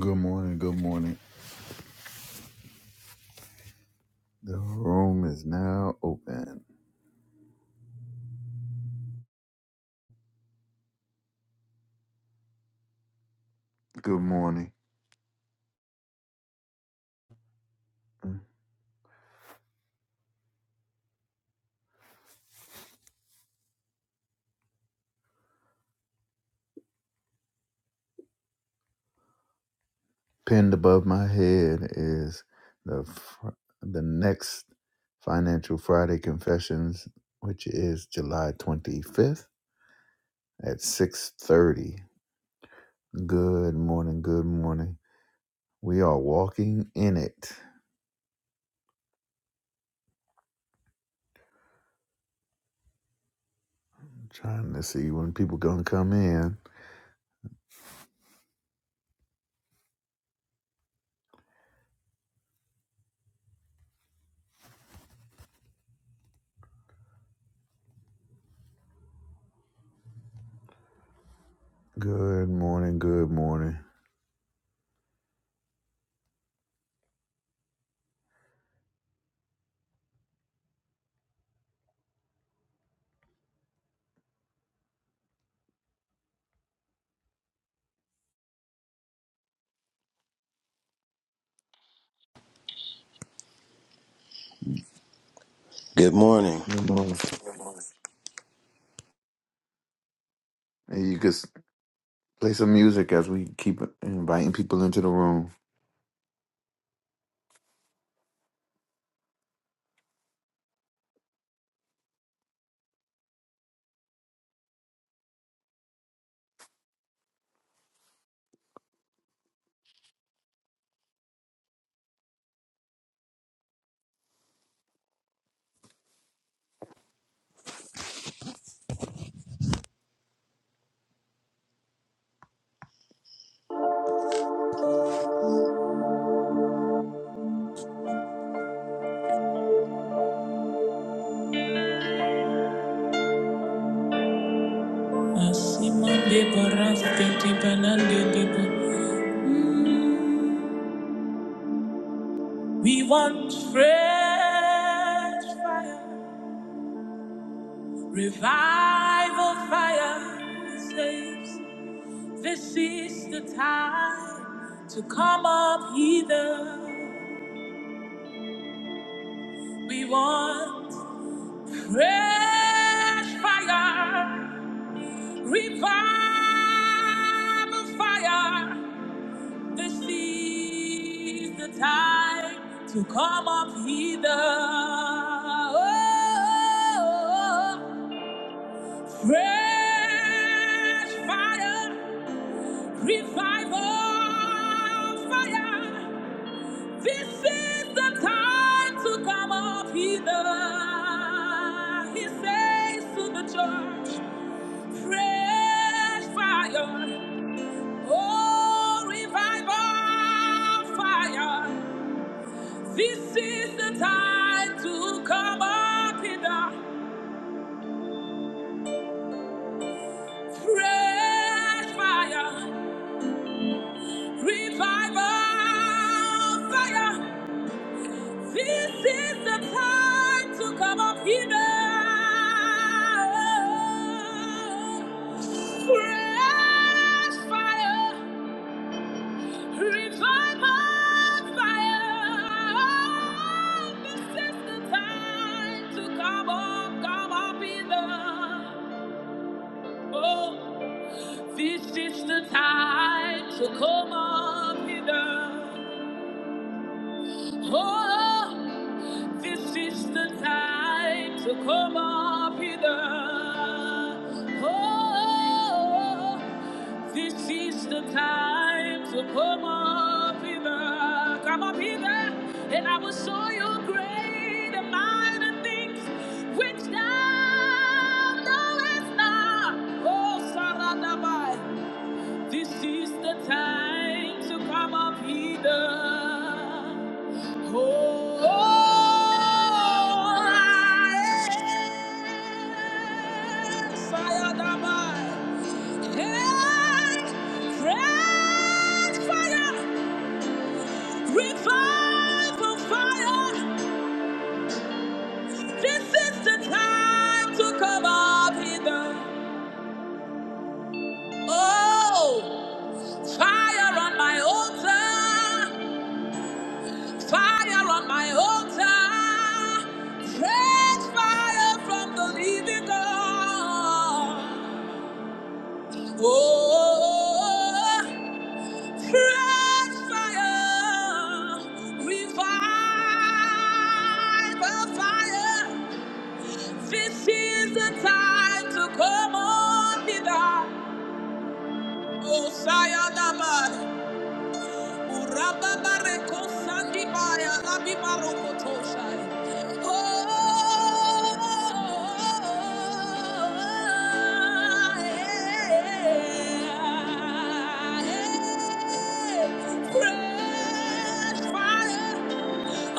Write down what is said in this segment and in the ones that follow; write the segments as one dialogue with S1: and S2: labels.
S1: Good morning. Good morning. The room is now open. Good morning. Pinned above my head is the fr- the next Financial Friday Confessions, which is July 25th at 6:30. Good morning. Good morning. We are walking in it. trying to see when people gonna come in. Good morning. Good morning.
S2: Good morning.
S1: Good morning. And you could. Play some music as we keep inviting people into the room.
S2: We want fresh fire, revival fire. It says, This is the time to come up hither. We want fresh fire, revival fire. This is the time to come up hither. Oh, fresh fire, revival fire. This is the time to come up hither. He says to the church, fresh fire. Oh, revival fire. This is the time to come up in the fresh fire, revival fire. This is the time to come up in the fresh fire, revival fire. This is the time to come up, come up in the Oh, this is the time to come up hither. Oh, this is the time to come up hither. Oh, this is the time to come up hither. Come up hither, and I will show you great and mighty things which thou knowest not. Oh, Saradabai. This is the time to come up hither. Oh, I am fire Dabai. Hey, fresh fire, revival fire. This is the time to come up hither. Oh, fire on my altar. Fire on my altar, fresh fire from the living God. Oh, fresh fire, revive the fire. This is the time to come on, Vida. Oh, Sayonara. Urababareko sandibaya labibarokotoshai. Oh, yeah. yeah, yeah. Fresh fire.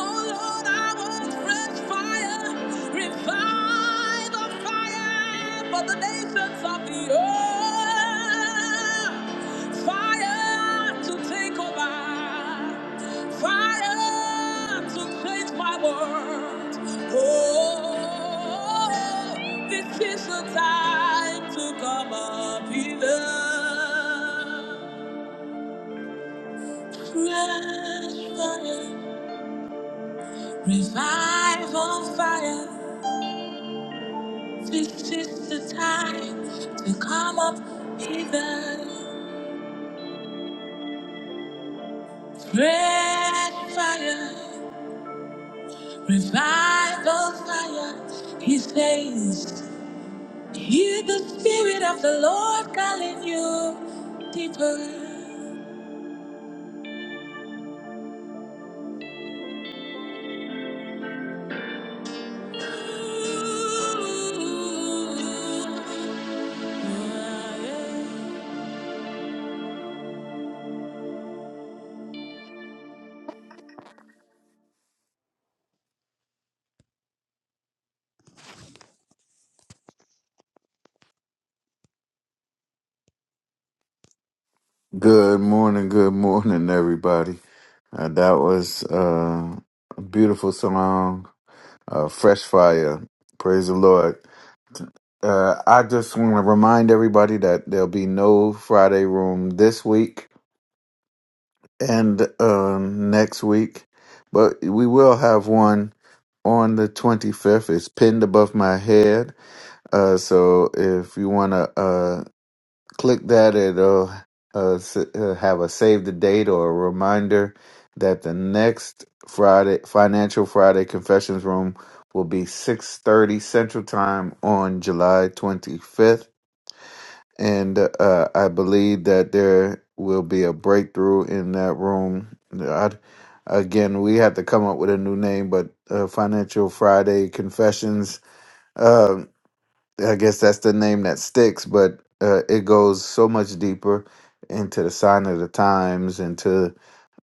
S2: Oh Lord, I want fresh fire. revive. The fire for the nations of the earth. Fire to take over. Fire to change my world. Oh, this is the time to come up here. Fresh fire, revival fire. This is the time to come up hither. Fresh fire, revival fire. He says, Hear the Spirit of the Lord calling you deeper.
S1: Good morning, good morning, everybody. Uh, that was uh, a beautiful song, uh, Fresh Fire. Praise the Lord. Uh, I just want to remind everybody that there'll be no Friday room this week and um, next week, but we will have one on the 25th. It's pinned above my head. Uh, so if you want to click that, it'll uh, s- uh, have a save the date or a reminder that the next Friday Financial Friday Confessions Room will be 6:30 Central Time on July 25th, and uh, I believe that there will be a breakthrough in that room. i again, we have to come up with a new name, but uh, Financial Friday Confessions. um, I guess that's the name that sticks, but uh, it goes so much deeper into the sign of the times, into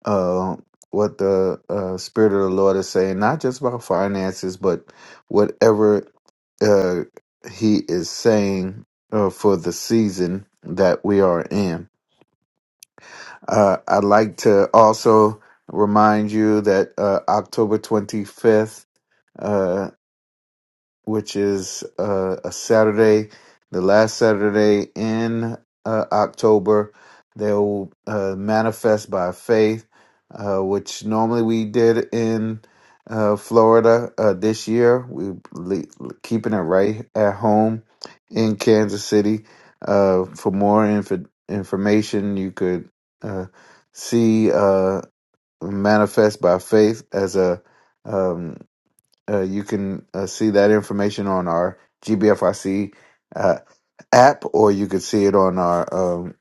S1: uh, what the uh, Spirit of the Lord is saying, not just about finances, but whatever uh, He is saying uh, for the season that we are in. Uh, I'd like to also remind you that uh, October 25th which is uh, a Saturday, the last Saturday in uh, October. They'll uh, manifest by faith, uh, which normally we did in uh, Florida. Uh, this year, we are keeping it right at home in Kansas City. Uh, for more inf- information, you could uh, see uh, manifest by faith as a um, uh, you can uh, see that information on our GBFIC uh, app, or you could see it on our, um,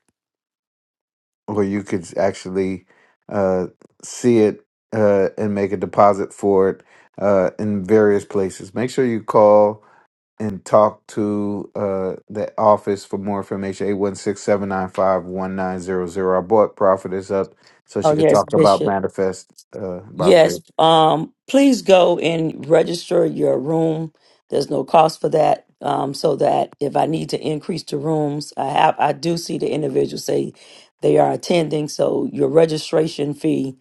S1: or you could actually uh, see it uh, and make a deposit for it uh, in various places. Make sure you call and talk to uh, the office for more information Eight one six seven nine five one nine zero zero. 795 1900. Our board profit is up so
S3: Oh
S1: she could
S3: yes,
S1: talk about
S3: Bishop.
S1: manifest uh, by
S3: Yes.
S1: faith.
S3: Um, please go and register your room. There's no cost for that. Um, so that if I need to increase the rooms, I have I do see the individual say they are attending. So your registration fee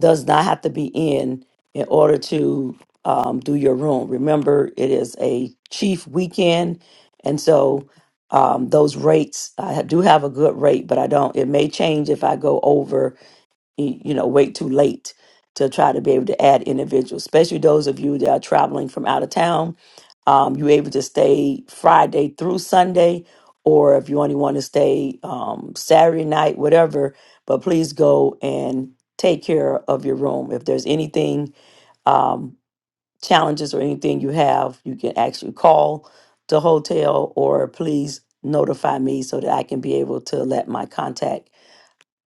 S3: does not have to be in in order to um, do your room. Remember, it is a chief weekend, and so um, those rates I do have a good rate, but I don't. It may change if I go over y- you know wait too late to try to be able to add individuals especially those of you that are traveling from out of town um, you're able to stay friday through sunday or if you only want to stay um, saturday night whatever but please go and take care of your room if there's anything um, challenges or anything you have you can actually call the hotel or please notify me so that i can be able to let my contact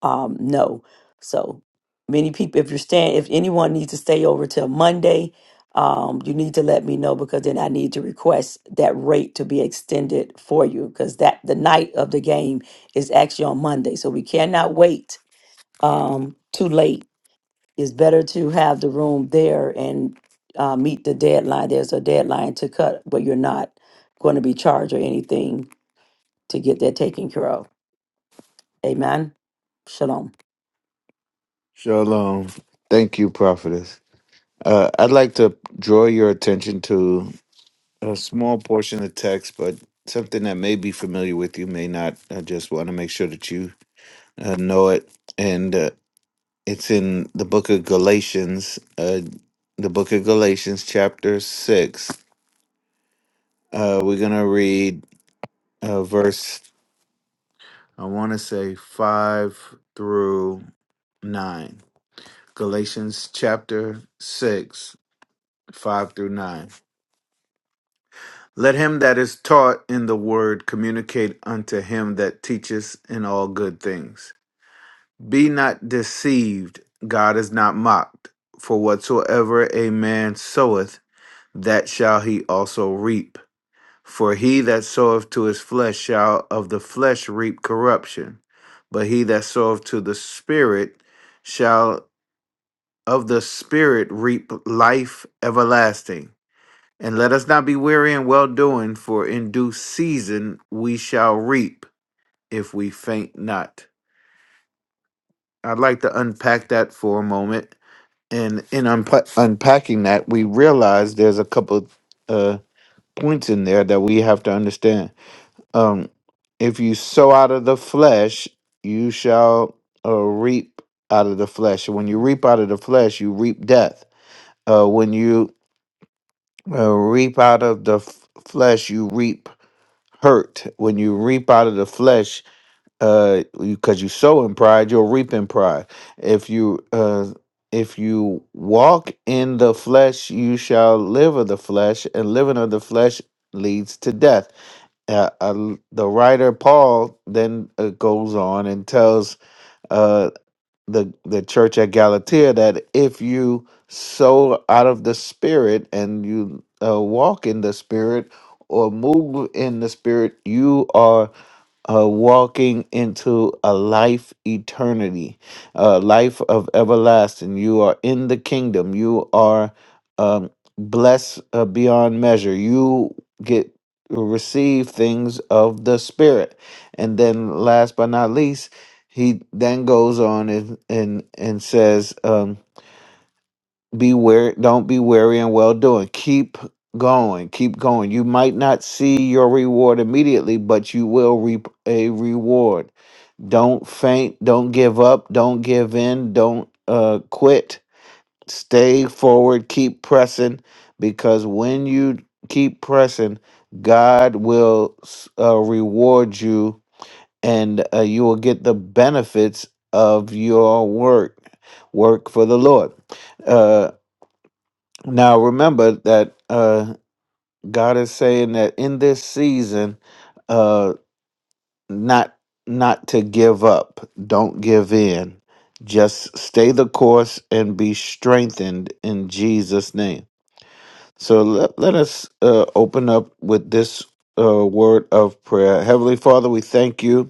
S3: um, no. So many people, if you're staying, if anyone needs to stay over till Monday, um, you need to let me know because then I need to request that rate to be extended for you because that the night of the game is actually on Monday, so we cannot wait um, too late. It's better to have the room there and uh, meet the deadline. There's a deadline to cut, but you're not going to be charged or anything to get that taken care of. Amen. Shalom.
S1: Shalom. Thank you, prophetess. Uh, I'd like to draw your attention to a small portion of text, but something that may be familiar with you, may not. I just want to make sure that you uh, know it. And uh, it's in the book of Galatians, uh, the book of Galatians, chapter 6. Uh, we're going to read uh, verse, I want to say 5 through 9. Galatians chapter 6, 5 through 9. Let him that is taught in the word communicate unto him that teacheth in all good things. Be not deceived, God is not mocked. For whatsoever a man soweth, that shall he also reap. For he that soweth to his flesh shall of the flesh reap corruption, but he that soweth to the Spirit shall of the Spirit reap life everlasting. And let us not be weary in well doing, for in due season we shall reap if we faint not. I'd like to unpack that for a moment. And in unpa- unpacking that, we realize there's a couple uh, points in there that we have to understand. Um, if you sow out of the flesh, you shall uh, reap out of the flesh. When you reap out of the flesh, you reap death. Uh, when you uh, reap out of the f- flesh, you reap hurt when you reap out of the flesh uh because you sow in pride you'll reap in pride if you uh if you walk in the flesh you shall live of the flesh and living of the flesh leads to death uh, uh, the writer paul then uh, goes on and tells uh the the church at Galatia that if you sow out of the spirit and you uh, walk in the spirit or move in the spirit, you are uh, walking into a life eternity, a life of everlasting. You are in the kingdom. You are um, blessed uh, beyond measure. You get receive things of the spirit, and then last but not least, he then goes on and and and says. Um, be wary don't be weary and well doing keep going keep going you might not see your reward immediately but you will reap a reward don't faint don't give up don't give in don't uh quit stay forward keep pressing because when you keep pressing god will s- uh, reward you and uh, you will get the benefits of your work work for the lord Uh, now remember that uh, God is saying that in this season, uh, not not to give up. Don't give in. Just stay the course and be strengthened in Jesus' name. So let, let us uh, open up with this uh, word of prayer. Heavenly Father, we thank you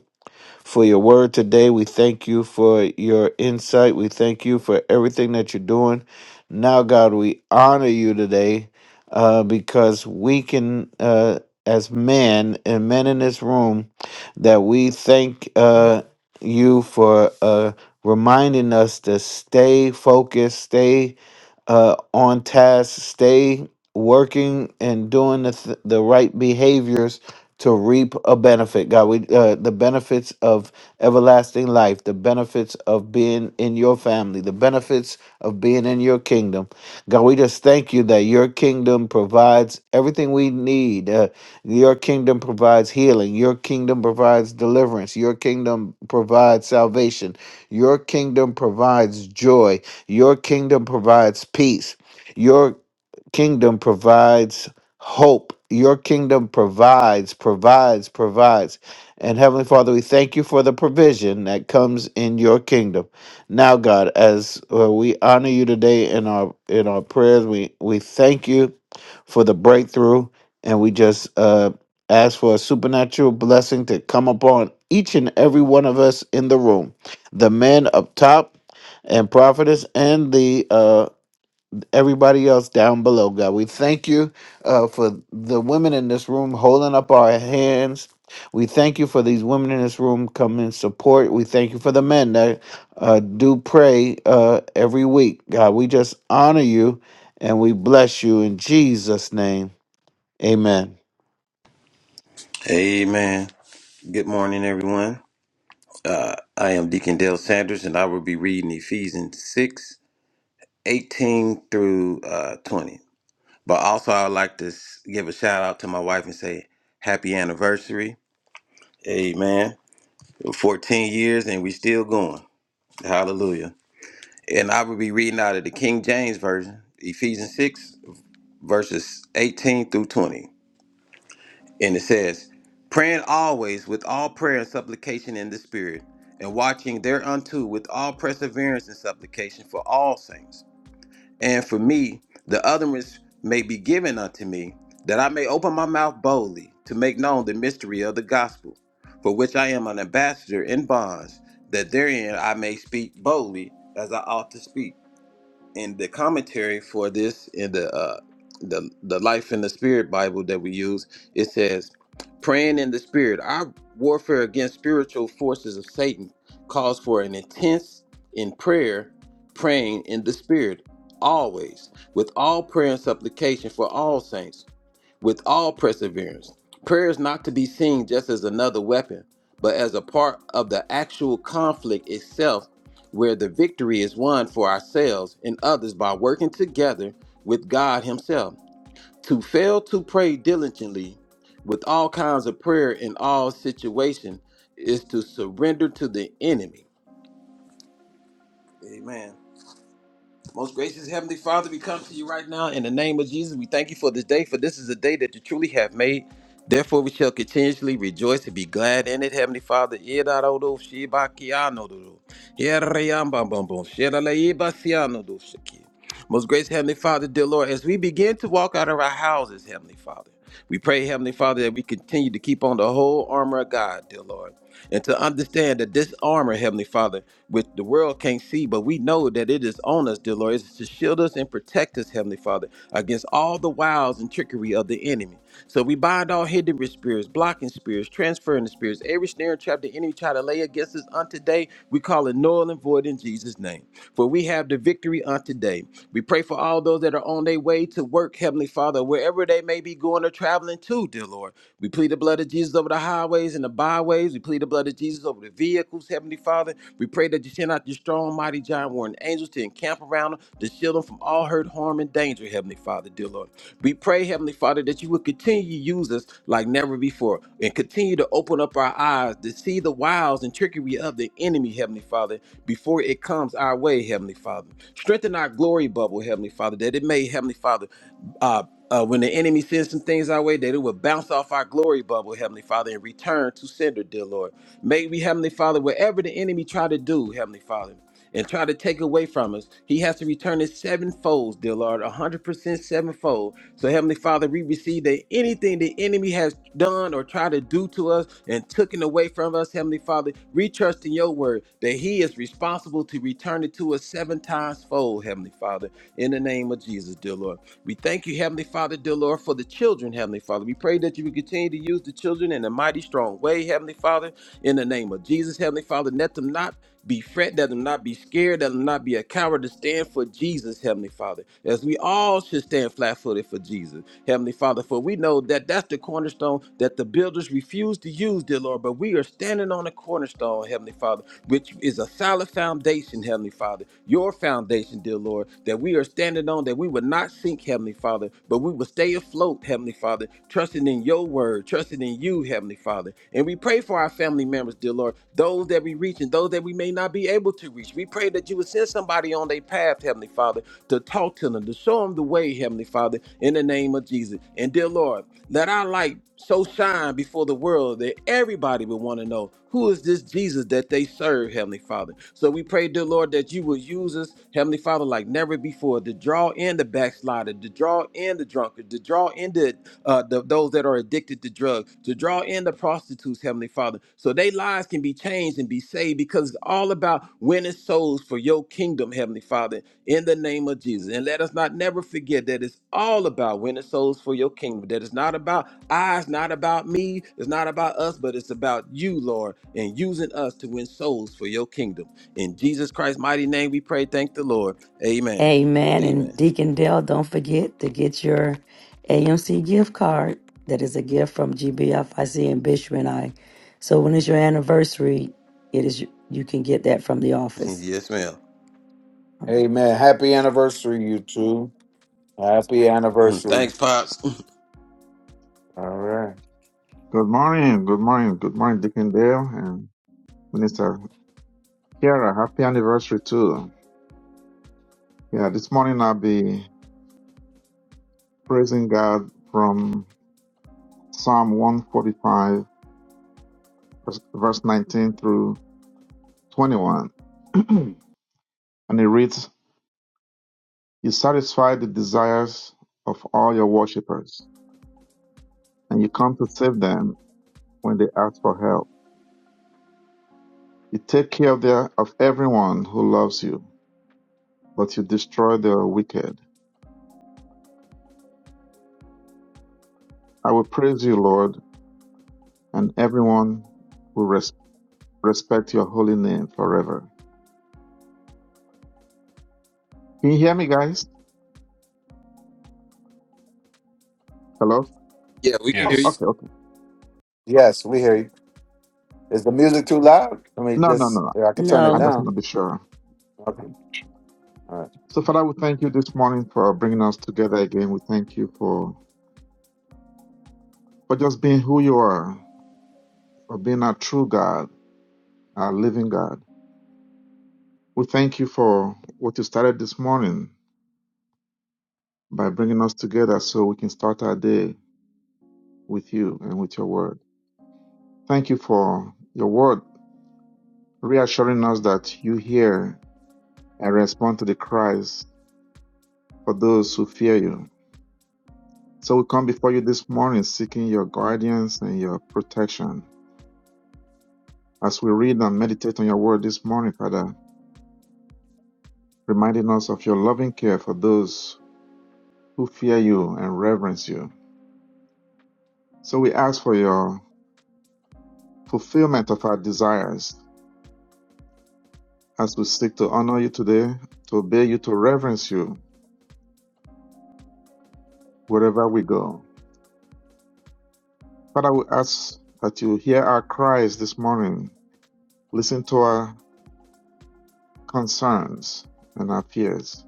S1: for your word today. We thank you for your insight. We thank you for everything that you're doing. Now, God, we honor you today uh, because we can, uh, as men and men in this room, that we thank uh, you for uh, reminding us to stay focused, stay uh, on task, stay working and doing the, th- the right behaviors to reap a benefit. God, we uh, the benefits of everlasting life, the benefits of being in your family, the benefits of being in your kingdom. God, we just thank you that your kingdom provides everything we need. Uh, your kingdom provides healing. Your kingdom provides deliverance. Your kingdom provides salvation. Your kingdom provides joy. Your kingdom provides peace. Your kingdom provides hope. Your kingdom provides, provides, provides. And Heavenly Father, we thank you for the provision that comes in your kingdom. Now, God, as uh, we honor you today in our in our prayers, we we thank you for the breakthrough, and we just uh, ask for a supernatural blessing to come upon each and every one of us in the room, the men up top, and prophetess, and the uh, everybody else down below, God. We thank you uh, for the women in this room holding up our hands. We thank you for these women in this room coming in support. We thank you for the men that uh, do pray uh, every week, God. We just honor you and we bless you in Jesus' name. Amen.
S2: Amen. Good morning, everyone. Uh, I am Deacon Dale Sanders, and I will be reading Ephesians 6 18 through uh, 20. But also, I would like to s- give a shout out to my wife and say happy anniversary. Amen. 14 years and we still going. Hallelujah. And I will be reading out of the King James Version, Ephesians 6, verses 18 through 20. And it says, Praying always with all prayer and supplication in the Spirit, and watching thereunto with all perseverance and supplication for all saints And for me, the utterance may be given unto me, that I may open my mouth boldly to make known the mystery of the gospel, for which I am an ambassador in bonds, that therein I may speak boldly as I ought to speak in the commentary for this in the uh the the life in the spirit bible that we use it says praying in the spirit our warfare against spiritual forces of satan calls for an intense in prayer praying in the spirit always with all prayer and supplication for all saints with all perseverance. Prayer is not to be seen just as another weapon, but as a part of the actual conflict itself, where the victory is won for ourselves and others by working together with God Himself. To fail to pray diligently with all kinds of prayer in all situation is to surrender to the enemy. Amen. Most gracious Heavenly Father, we come to you right now in the name of Jesus. We thank you for this day, for this is a day that you truly have made. Therefore, we shall continuously rejoice and be glad in it, Heavenly Father. Yedarodo shibakianodo. Yereyambambambo. Shedaleibasianodo shiki. Most gracious Heavenly Father, dear Lord, as we begin to walk out of our houses, Heavenly Father, we pray, Heavenly Father, that we continue to keep on the whole armor of God, dear Lord, and to understand that this armor, Heavenly Father, which the world can't see, but we know that it is on us, dear Lord. It's to shield us and protect us, Heavenly Father, against all the wiles and trickery of the enemy. So we bind all hidden spirits, blocking spirits, transferring the spirits, every snare and trap the enemy try to lay against us on today, we call it null and void in Jesus' name. For we have the victory on today. We pray for all those that are on their way to work, Heavenly Father, wherever they may be going or traveling to, dear Lord. We plead the blood of Jesus over the highways and the byways. We plead the blood of Jesus over the vehicles, Heavenly Father. We pray that you send out your strong, mighty giant warring angels to encamp around them, to shield them from all hurt, harm, and danger, Heavenly Father, dear Lord. We pray, Heavenly Father, that you would continue to use us like never before and continue to open up our eyes to see the wiles and trickery of the enemy, Heavenly Father, before it comes our way, Heavenly Father. Strengthen our glory bubble, Heavenly Father, that it may, Heavenly Father, uh, uh, when the enemy sends some things our way, that it will bounce off our glory bubble, Heavenly Father, and return to sender, dear Lord. May we, Heavenly Father, whatever the enemy try to do, Heavenly Father, and try to take away from us, he has to return it sevenfold, dear Lord, a hundred percent sevenfold. So, Heavenly Father, we receive that anything the enemy has done or tried to do to us and taken away from us, Heavenly Father, we trust in your word that he is responsible to return it to us seven times fold, Heavenly Father, in the name of Jesus, dear Lord. We thank you, Heavenly Father, dear Lord, for the children, Heavenly Father. We pray that you will continue to use the children in a mighty strong way, Heavenly Father, in the name of Jesus, Heavenly Father. Let them not be fret, let them not be scared, let them not be a coward to stand for Jesus, Heavenly Father, as we all should stand flat footed for Jesus, Heavenly Father. For we know that that's the cornerstone that the builders refuse to use, dear Lord, but we are standing on the cornerstone, Heavenly Father which is a solid foundation, Heavenly Father, your foundation, dear Lord, that we are standing on, that we would not sink, Heavenly Father, but we will stay afloat, Heavenly Father, trusting in your word, trusting in you, Heavenly Father. And we pray for our family members, dear Lord, those that we reach and those that we may not be able to reach. We pray that you would send somebody on their path, Heavenly Father to talk to them, to show them the way, Heavenly Father, in the name of Jesus. And dear Lord, let our light so shine before the world that everybody will want to know who is this Jesus that they serve, Heavenly Father. So we pray, dear Lord, that you will use us, Heavenly Father, like never before, to draw in the backslider, to draw in the drunkard, to draw in the uh, the, those that are addicted to drugs, to draw in the prostitutes, Heavenly Father, so their lives can be changed and be saved because it's all about winning souls for your kingdom, Heavenly Father in the name of Jesus. And let us not never forget that it's all about winning souls for your kingdom. That it's not about I, it's not about me, it's not about us, but it's about you, Lord, and using us to win souls for your kingdom. In Jesus Christ's mighty name, we pray. Thank the Lord. Amen.
S3: Amen. And
S2: Amen.
S3: Deacon Dale, don't forget to get your AMC gift card. That is a gift from GBFIC and Bishop and I. So when it's your anniversary, it is you can get that from the office.
S2: yes, ma'am.
S1: Amen. Happy anniversary, you two. Happy
S2: Mm,
S1: anniversary.
S2: Thanks, Pops.
S1: All right.
S4: Good morning, good morning, good morning, Deacon Dale and Minister Kiara. Happy anniversary too. Yeah, this morning I'll be praising God from Psalm 145, verse verse 19 through 21. and it reads, You satisfy the desires of all your worshippers, and you come to save them when they ask for help. You take care of, their, of everyone who loves you, but you destroy the wicked. I will praise you, Lord, and everyone will res- respect your holy name forever. Can you hear me, guys? Hello?
S2: Yeah, we can hear
S4: Oh,
S2: you.
S5: Yes.
S4: okay, okay.
S1: Yes, we hear you. Is the music too loud? I mean,
S4: No, no, no.
S1: just
S4: no.
S1: yeah, I could turn it
S4: I
S3: No.
S4: just
S1: down.
S4: want to be sure.
S1: Okay. All right.
S4: So, Father, we thank you this morning for bringing us together again. We thank you for, for just being who you are, for being our true God, our living God. We thank you for what you started this morning by bringing us together so we can start our day with you and with your word. Thank you for your word reassuring us that you hear and respond to the cries for those who fear you. So we come before you this morning seeking your guidance and your protection. As we read and meditate on your word this morning, Father, reminding us of your loving care for those who fear you and reverence you. So we ask for your fulfillment of our desires as we seek to honor you today, to obey you, to reverence you wherever we go. Father, we ask that you hear our cries this morning. Listen to our concerns and our fears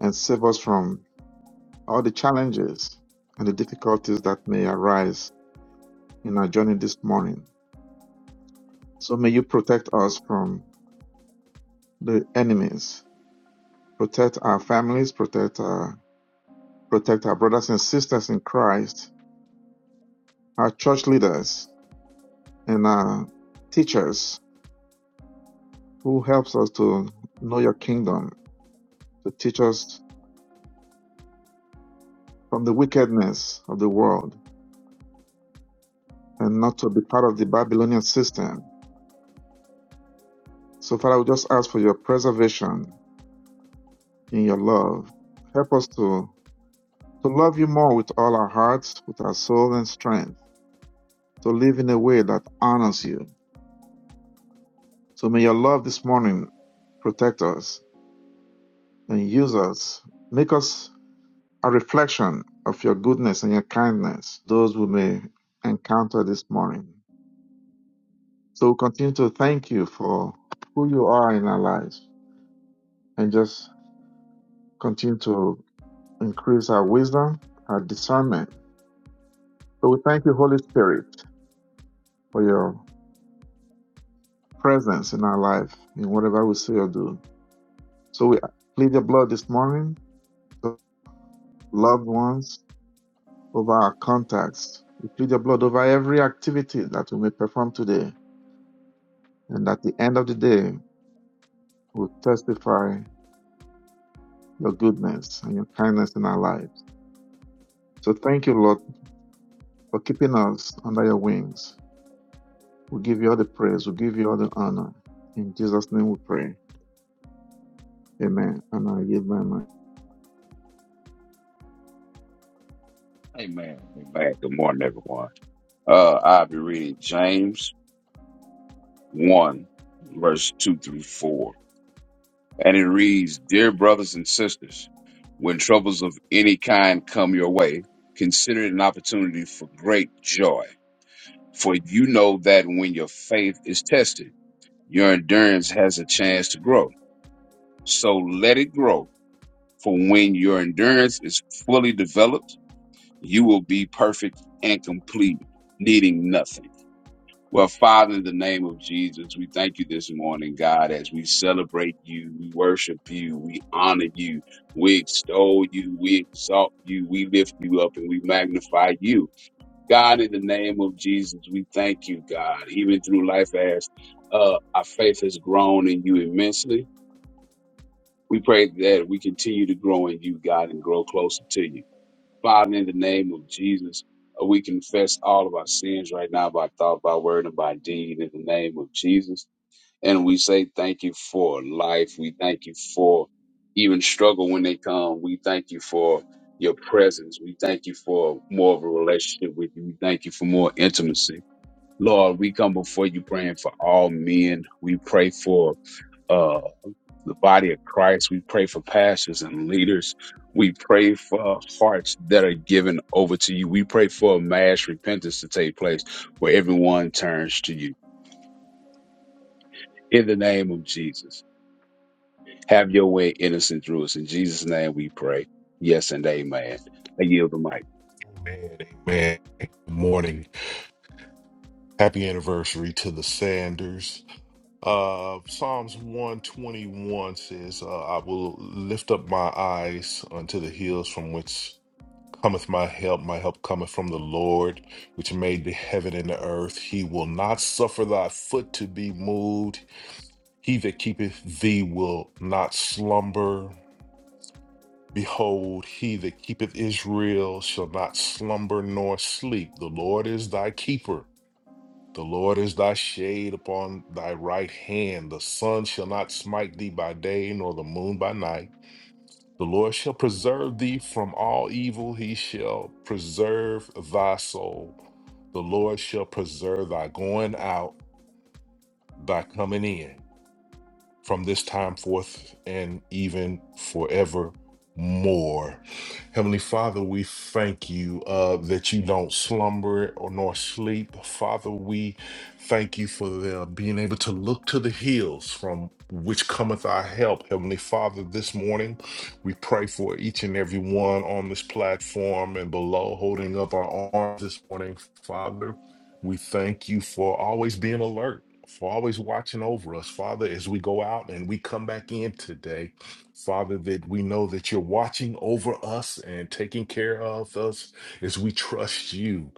S4: and save us from all the challenges and the difficulties that may arise in our journey this morning. So may you protect us from the enemies, protect our families, protect our, protect our brothers and sisters in Christ, our church leaders and our teachers who helps us to know your kingdom, to teach us from the wickedness of the world and not to be part of the Babylonian system So, Father, we just ask for your preservation in your love. Help us to, to love you more with all our hearts, with our soul and strength, to live in a way that honors you. So may your love this morning protect us and use us. Make us a reflection of your goodness and your kindness, those we may encounter this morning. So we continue to thank you for who you are in our lives and just continue to increase our wisdom, our discernment, So we thank you, Holy Spirit, for your presence in our life, in whatever we say or do. So we plead your blood this morning, over loved ones, over our contacts. We plead your blood over every activity that we may perform today. And at the end of the day, we'll testify your goodness and your kindness in our lives. So thank you, Lord, for keeping us under your wings. We give you all the praise. We give you all the honor. In Jesus' name we pray. Amen. And I give my mind.
S6: Amen. Amen. Good morning, everyone. Uh, I'll be reading James 1, verse 2 through 4. And it reads Dear brothers and sisters, when troubles of any kind come your way, consider it an opportunity for great joy. For you know that when your faith is tested, your endurance has a chance to grow. So let it grow. For when your endurance is fully developed, you will be perfect and complete, needing nothing. Well, Father, in the name of Jesus, we thank you this morning, God, as we celebrate you, we worship you, we honor you, we extol you, we exalt you, we lift you up, and we magnify you. God, in the name of Jesus, we thank you, God, even through life as uh, our faith has grown in you immensely. We pray that we continue to grow in you, God, and grow closer to you. Father, in the name of Jesus, uh, we confess all of our sins right now by thought, by word, and by deed in the name of Jesus. And we say thank you for life. We thank you for even struggle when they come. We thank you for your presence. We thank you for more of a relationship with you. We thank you for more intimacy. Lord, we come before you praying for all men. We pray for uh, the body of Christ. We pray for pastors and leaders. We pray for hearts that are given over to you. We pray for a mass repentance to take place where everyone turns to you. In the name of Jesus, have your way innocent through us. In Jesus' name we pray. Yes and amen. I yield the mic.
S5: Amen. Amen. Good morning. Happy anniversary to the Sanders. Uh, Psalms 121 says, uh, I will lift up my eyes unto the hills from which cometh my help. My help cometh from the Lord, which made the heaven and the earth. He will not suffer thy foot to be moved. He that keepeth thee will not slumber. Behold, he that keepeth Israel shall not slumber nor sleep. The Lord is thy keeper. The Lord is thy shade upon thy right hand. The sun shall not smite thee by day, nor the moon by night. The Lord shall preserve thee from all evil. He shall preserve thy soul. The Lord shall preserve thy going out, thy coming in from this time forth and even forevermore. Heavenly Father, we thank you uh, that you don't slumber or nor sleep. Father, we thank you for the, being able to look to the hills from which cometh our help. Heavenly Father, this morning we pray for each and every one on this platform and below, holding up our arms this morning, Father. We thank you for always being alert for always watching over us, Father, as we go out and we come back in today. Father, that we know that you're watching over us and taking care of us as we trust you.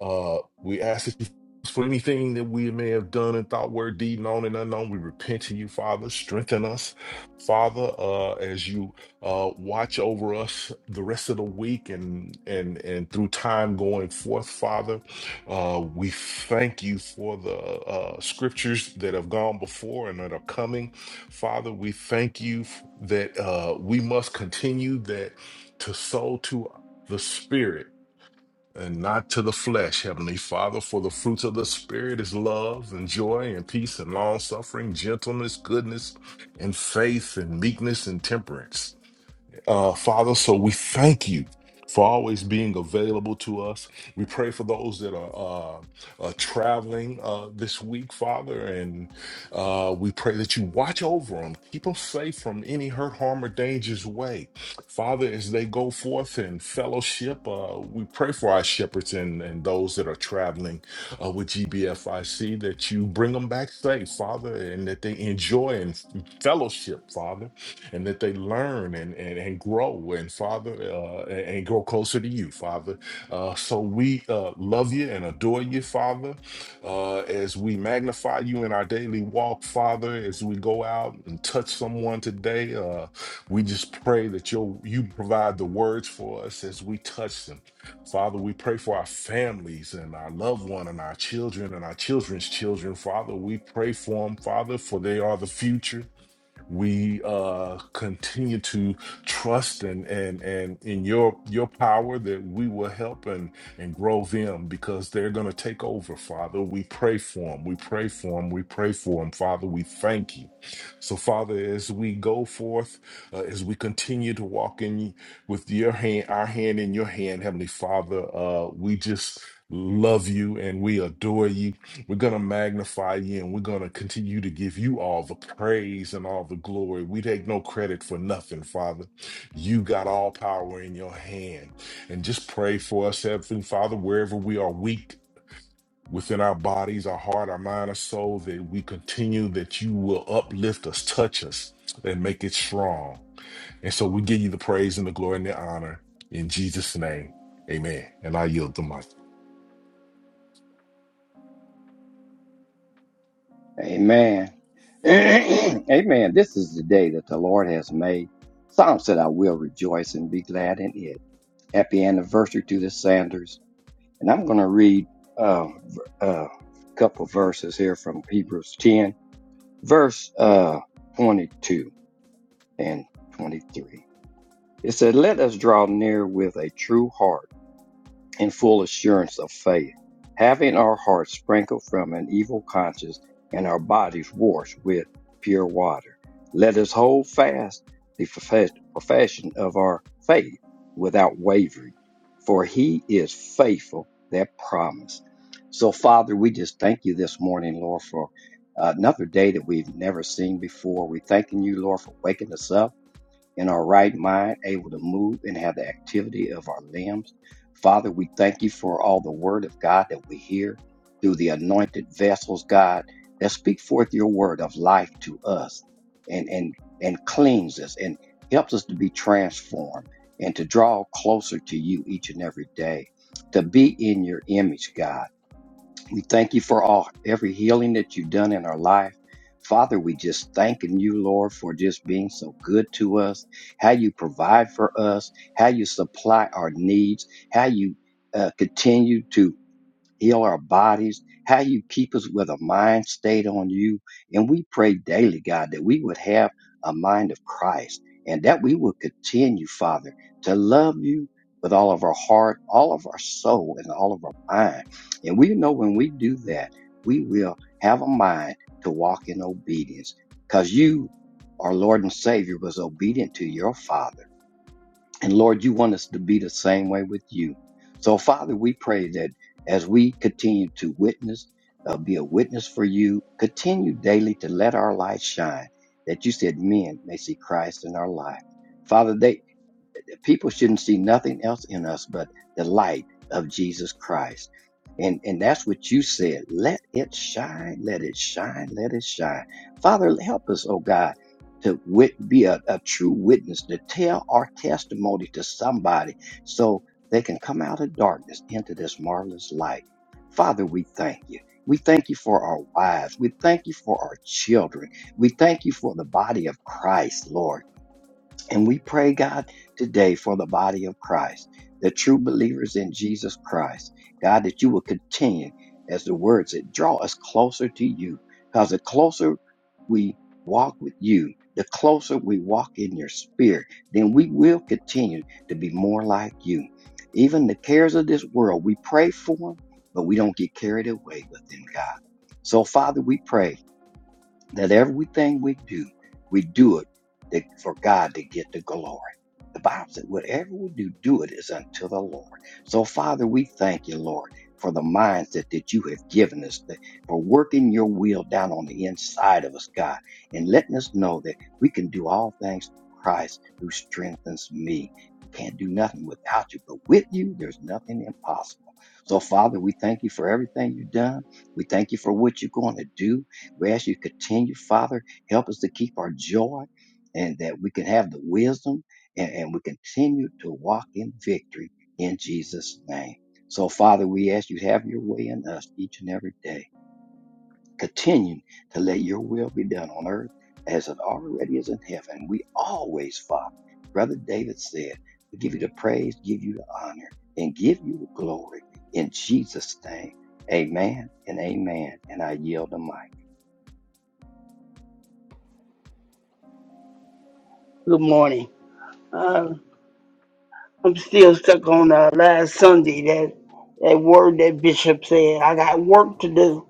S5: Uh, we ask that you for anything that we may have done and thought, word, deed, known and unknown. We repent to you, Father. Strengthen us, Father, uh, as you uh, watch over us the rest of the week and and and through time going forth, Father. Uh, we thank you for the uh, scriptures that have gone before and that are coming, Father. We thank you f- that uh, we must continue that to sow to the Spirit and not to the flesh, Heavenly Father, for the fruits of the Spirit is love and joy and peace and long suffering, gentleness, goodness, and faith and meekness and temperance uh, Father. So we thank you for always being available to us. We pray for those that are uh, uh, traveling uh, this week, Father, and uh, we pray that you watch over them, keep them safe from any hurt, harm, or danger's way. Father, as they go forth in fellowship, uh, we pray for our shepherds and, and those that are traveling uh, with GBFIC that you bring them back safe, Father, and that they enjoy and fellowship, Father and that they learn and and, and grow and father uh, and and grow closer to you father uh, so we uh, love you and adore you father uh, as we magnify you in our daily walk father as we go out and touch someone today uh, we just pray that you you provide the words for us as we touch them father we pray for our families and our loved one and our children and our children's children father we pray for them father for they are the future we uh, continue to trust and and and in your your power that we will help and and grow them because they're going to take over father we pray for them we pray for them we pray for them father we thank you so father as we go forth uh, as we continue to walk in with your hand our hand in your hand heavenly father uh, we just love you and we adore you we're going to magnify you and we're going to continue to give you all the praise and all the glory. We take no credit for nothing, Father. You got all power in your hand. And just pray for us, Heavenly Father, wherever we are weak within our bodies, our heart, our mind, our soul, that we continue, that you will uplift us, touch us, and make it strong. And so we give you the praise and the glory and the honor in Jesus' name. Amen. And I yield the mic.
S7: Amen. Amen. This is the day that the Lord has made. Psalm said, I will rejoice and be glad in it. Happy anniversary to the Sanders. And I'm going to read uh, v- uh, a couple verses here from Hebrews 10, verse uh, 22 and 23. It said, Let us draw near with a true heart in full assurance of faith, having our hearts sprinkled from an evil conscience and our bodies washed with pure water. Let us hold fast the profess- profession of our faith without wavering, for he is faithful that promise. So, Father, we just thank you this morning, Lord, for uh, another day that we've never seen before. we thanking you, Lord, for waking us up in our right mind, able to move and have the activity of our limbs. Father, we thank you for all the word of God that we hear through the anointed vessels, God, that speak forth your word of life to us and, and, and cleans us and helps us to be transformed and to draw closer to you each and every day, to be in your image, God. We thank you for all every healing that you've done in our life. Father, we just thanking you, Lord, for just being so good to us, how you provide for us, how you supply our needs, how you uh, continue to heal our bodies, how you keep us with a mind stayed on you. And we pray daily, God, that we would have a mind of Christ and that we would continue, Father, to love you with all of our heart, all of our soul, and all of our mind. And we know when we do that, we will have a mind to walk in obedience because you, our Lord and Savior, was obedient to your Father and Lord, you want us to be the same way with you. So, Father, we pray that as we continue to witness, uh, be a witness for you, continue daily to let our light shine, that you said men may see Christ in our life. Father, they people shouldn't see nothing else in us but the light of Jesus Christ. And and that's what you said. Let it shine, let it shine, let it shine. Father, help us, oh God, to wit- be a, a true witness, to tell our testimony to somebody so they can come out of darkness into this marvelous light. Father, we thank you. We thank you for our wives. We thank you for our children. We thank you for the body of Christ, Lord. And we pray, God, today for the body of Christ, the true believers in Jesus Christ. God, that you will continue, as the word said, draw us closer to you. Because the closer we walk with you, the closer we walk in your spirit, then we will continue to be more like you. Even the cares of this world, we pray for them, but we don't get carried away with them, God. So, Father, we pray that everything we do, we do it that- for God to get the glory. The Bible said, whatever we do, do it is unto the Lord. So, Father, we thank you, Lord, for the mindset that you have given us, that- for working your will down on the inside of us, God, and letting us know that we can do all things through Christ who strengthens me. We can't do nothing without you, but with you, there's nothing impossible. So, Father, we thank you for everything you've done. We thank you for what you're going to do. We ask you to continue, Father, help us to keep our joy and that we can have the wisdom and, and we continue to walk in victory in Jesus' name. So, Father, we ask you to have your way in us each and every day. Continue to let your will be done on earth as it already is in heaven. We always, Father, Brother David said, we give you the praise, give you the honor, and give you the glory in Jesus' name. Amen and amen. And I yield the mic.
S8: Good morning. Uh, I'm still stuck on uh, last Sunday that that word that Bishop said. I got work to do.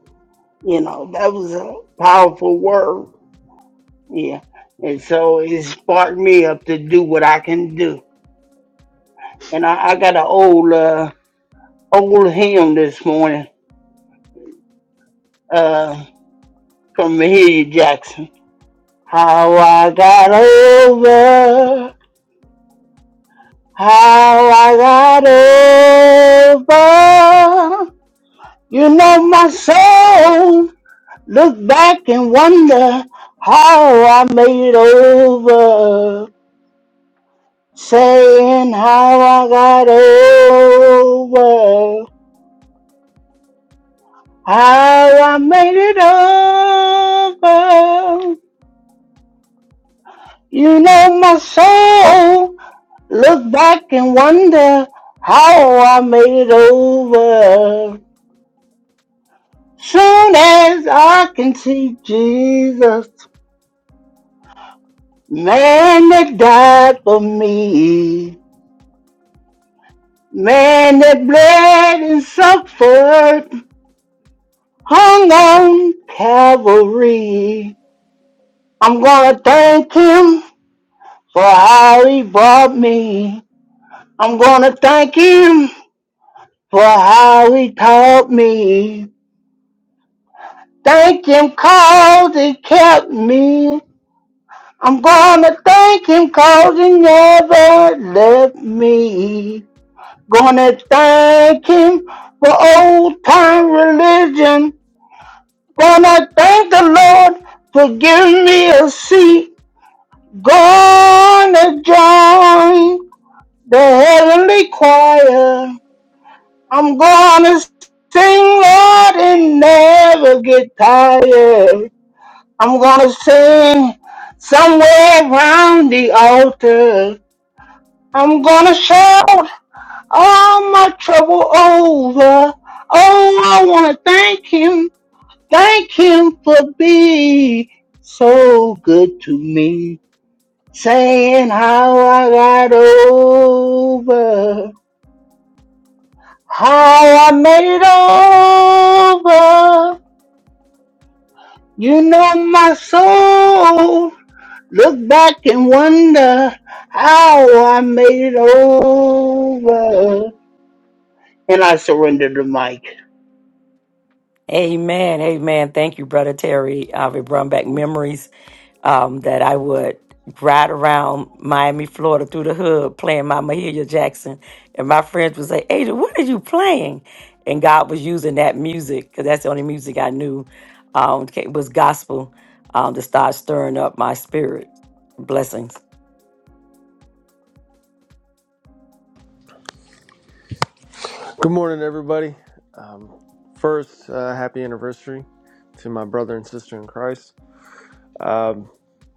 S8: You know that was a powerful word. Yeah, and so it sparked me up to do what I can do. And I, I got an old uh, old hymn this morning uh, from Mahalia Jackson. How I got over. How I got over You know my soul. Look back and wonder how I made it over. Saying how I got over. How I made it over. You know my soul. Look back and wonder how I made it over. Soon as I can see Jesus. Man that died for me, man that bled and suffered, hung on Calvary. I'm gonna thank him for how he brought me. I'm gonna thank him for how he taught me. Thank him cause he kept me. I'm gonna thank him cause he never left me. Gonna thank him for old time religion. Gonna thank the Lord for giving me a seat. Gonna join the heavenly choir. I'm gonna sing, Lord, and never get tired. I'm gonna sing somewhere around the altar. I'm gonna shout all my trouble over. Oh, I want to thank him, thank him for being so good to me. Saying how I got over, how I made it over. You know my soul. Look back and wonder how I made it over. And I surrender the mic.
S3: Amen. Amen. Thank you, Brother Terry. I've brought back memories um, that I would ride around Miami, Florida through the hood playing my Mahalia Jackson. And my friends would say, Ada, what are you playing? And God was using that music because that's the only music I knew um, ca- was gospel um, to start stirring up my spirit. Blessings.
S9: Good morning, everybody. Um, first, uh, happy anniversary to my brother and sister in Christ. Um,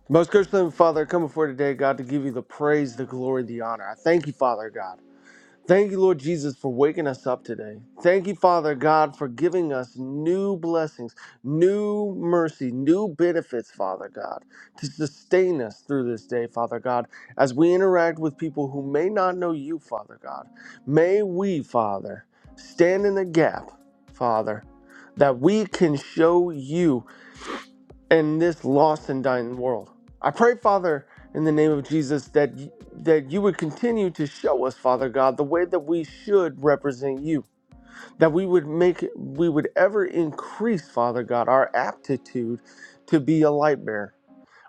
S9: most gracious Heavenly Father, I come before today, God, to give you the praise, the glory, the honor. I thank you, Father God. Thank you, Lord Jesus, for waking us up today. Thank you, Father God, for giving us new blessings, new mercy, new benefits, Father God, to sustain us through this day, Father God, as we interact with people who may not know you, Father God. May we, Father, stand in the gap, Father, that we can show you in this lost and dying world. I pray, Father, in the name of Jesus, that y- that you would continue to show us, Father God, the way that we should represent you. That we would make we would ever increase, Father God, our aptitude to be a light bearer.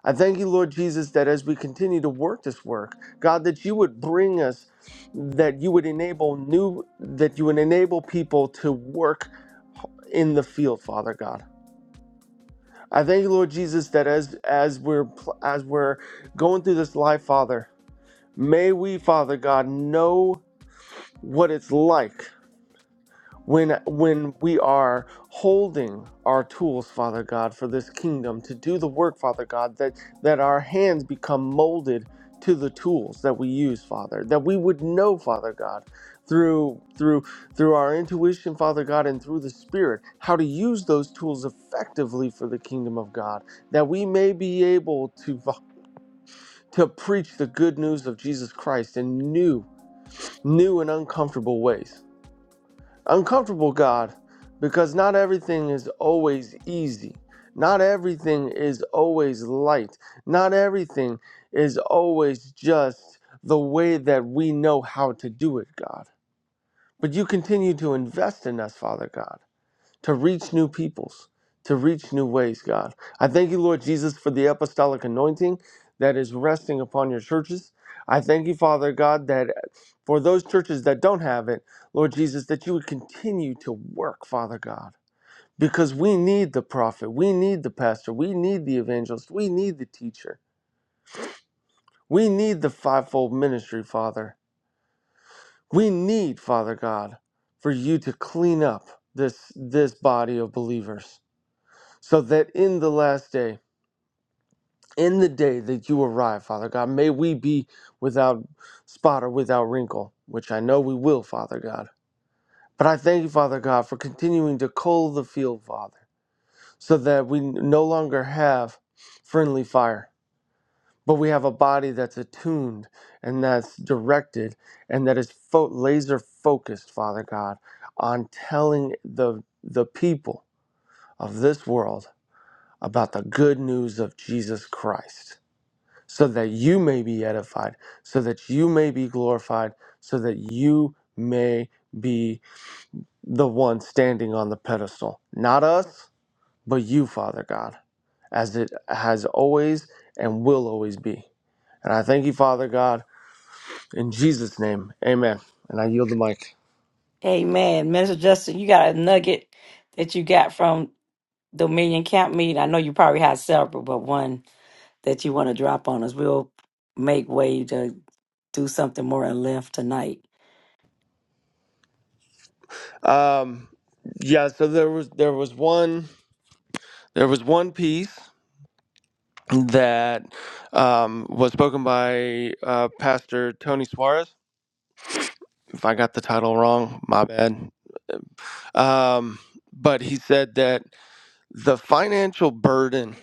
S9: I thank you, Lord Jesus, that as we continue to work this work, God, that you would bring us, that you would enable new, that you would enable people to work in the field, Father God I thank you, Lord Jesus, that as as we're pl- as we're going through this life, Father, may we, Father God, know what it's like when when we are holding our tools father god for this kingdom to do the work father god that that our hands become molded to the tools that we use father that we would know father god through through through our intuition father god and through the spirit how to use those tools effectively for the kingdom of god that we may be able to to preach the good news of jesus christ in new new and uncomfortable ways uncomfortable, God, because not everything is always easy. Not everything is always light. Not everything is always just the way that we know how to do it, God. But you continue to invest in us, Father God to reach new peoples, to reach new ways, God. I thank you, Lord Jesus, for the apostolic anointing that is resting upon your churches. I thank you, Father God, that for those churches that don't have it, Lord Jesus, that you would continue to work, Father God. Because we need the prophet, we need the pastor, we need the evangelist, we need the teacher, we need the fivefold ministry, Father. We need, Father God, for you to clean up this this body of believers so that in the last day, in the day that you arrive, Father God, may we be without spot or without wrinkle, which I know we will, Father God. But I thank you, Father God, for continuing to coal the field, Father, so that we no longer have friendly fire, but we have a body that's attuned and that's directed and that is fo- laser focused, Father God, on telling the the people of this world about the good news of Jesus Christ. so that you may be edified, so that you may be glorified, so that you may be the one standing on the pedestal. Not us, but you, Father God, as it has always and will always be. And I thank you, Father God, in Jesus' name. Amen. And I yield the mic.
S3: Amen. Minister Justin, you got a nugget that you got from Dominion Camp Meeting. I know you probably had several, but one that you want to drop on us. We'll make way to do something more in length tonight.
S9: Um, yeah, so there was there was one there was one piece that um, was spoken by uh, Pastor Tony Suarez if I got the title wrong, my bad. Um, but he said that the financial burden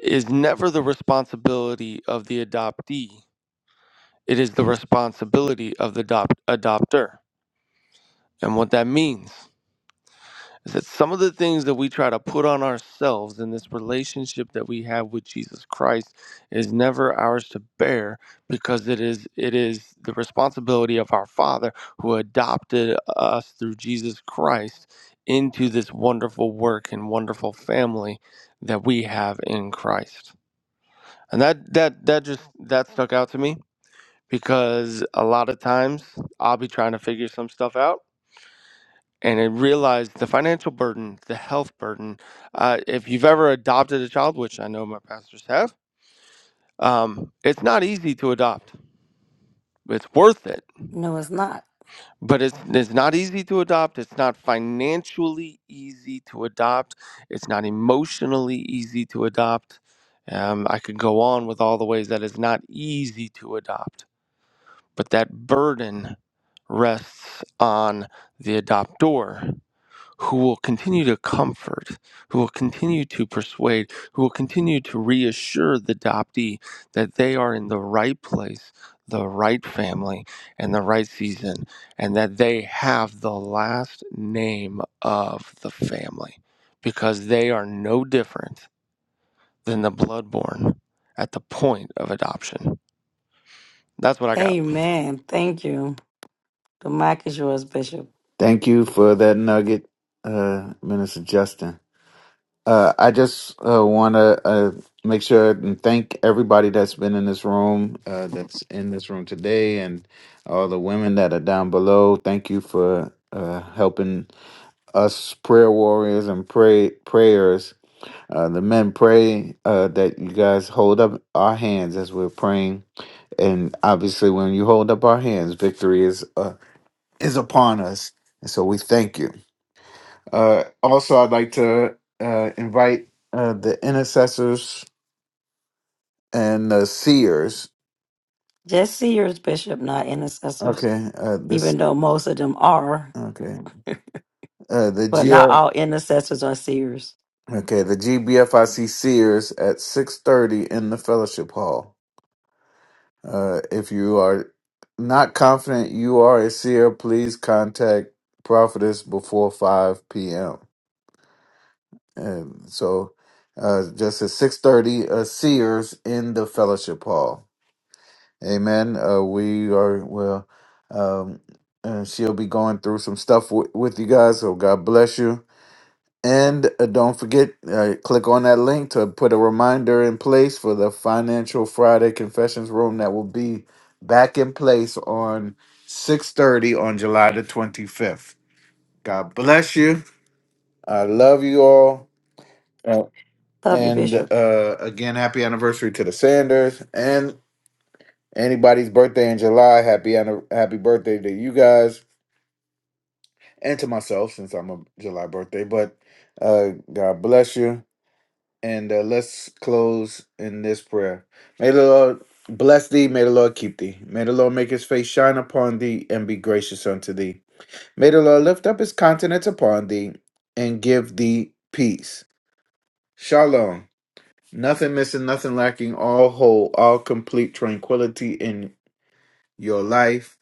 S9: is never the responsibility of the adoptee, it is the responsibility of the adopt- adopter. And what that means is that some of the things that we try to put on ourselves in this relationship that we have with Jesus Christ is never ours to bear because it is it is the responsibility of our Father who adopted us through Jesus Christ into this wonderful work and wonderful family that we have in Christ. And that that that just that stuck out to me because a lot of times I'll be trying to figure some stuff out and I realized the financial burden, the health burden. Uh, if you've ever adopted a child, which I know my pastors have, um, it's not easy to adopt. It's worth it,
S3: No, it's not.
S9: but it's it's not easy to adopt. It's not financially easy to adopt. It's not emotionally easy to adopt. Um, I could go on with all the ways that it's not easy to adopt, but that burden rests on the adoptor who will continue to comfort, who will continue to persuade, who will continue to reassure the adoptee that they are in the right place, the right family, and the right season, and that they have the last name of the family because they are no different than the bloodborn at the point of adoption. That's what I got.
S3: Amen. Thank you. The mic is yours, Bishop.
S1: Thank you for that nugget, uh, Minister Justin. Uh, I just uh, want to uh, make sure and thank everybody that's been in this room, uh, that's in this room today, and all the women that are down below. Thank you for uh, helping us prayer warriors and pray prayers. Uh, the men pray uh, that you guys hold up our hands as we're praying, and obviously, when you hold up our hands, victory is uh, is upon us. And so we thank you. Uh, also, I'd like to uh, invite uh, the intercessors and the seers.
S3: Just seers, Bishop, not intercessors,
S1: Okay, uh, this
S3: even though most of them are,
S1: okay. Uh, the
S3: but
S1: G
S3: not all intercessors are seers.
S1: okay the GBFIC seers at six thirty in the fellowship hall. Uh, if you are not confident you are a seer, please contact prophetess before five p.m. And so, uh, just at six thirty, uh, seers in the fellowship hall. Amen. Uh, we are well. Um, and she'll be going through some stuff w- with you guys. So God bless you. And uh, don't forget, uh, click on that link to put a reminder in place for the Financial Friday Confessions Room that will be back in place on six thirty on July the twenty fifth. God bless you. I love you all. Uh,
S3: Love you,
S1: And
S3: Bishop.
S1: uh, again, happy anniversary to the Sanders. and. Anybody's birthday in July, happy anni- happy birthday to you guys and to myself since I'm a July birthday. But uh, God bless you, and uh, let's close in this prayer. May the Lord bless thee. May the Lord keep thee. May the Lord make His face shine upon thee and be gracious unto thee. May the Lord lift up His countenance upon thee and give thee peace. Shalom. Nothing missing, nothing lacking, all whole, all complete tranquility in your life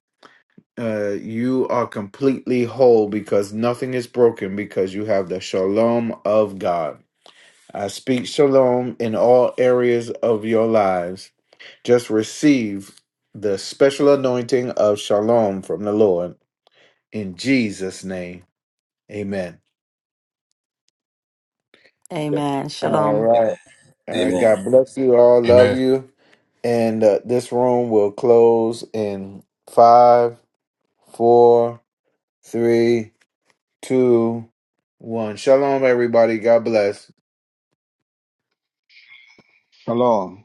S1: uh, you are completely whole because nothing is broken because you have the shalom of God. I speak shalom in all areas of your lives. Just receive the special anointing of shalom from the Lord in Jesus' name. Amen.
S3: Amen.
S1: All
S3: Shalom.
S1: right. All right.
S2: Amen.
S1: God bless you all. Love
S5: Amen.
S1: you. And uh, this room will close in five, four, three, two, one. Shalom, everybody. God bless.
S4: Shalom.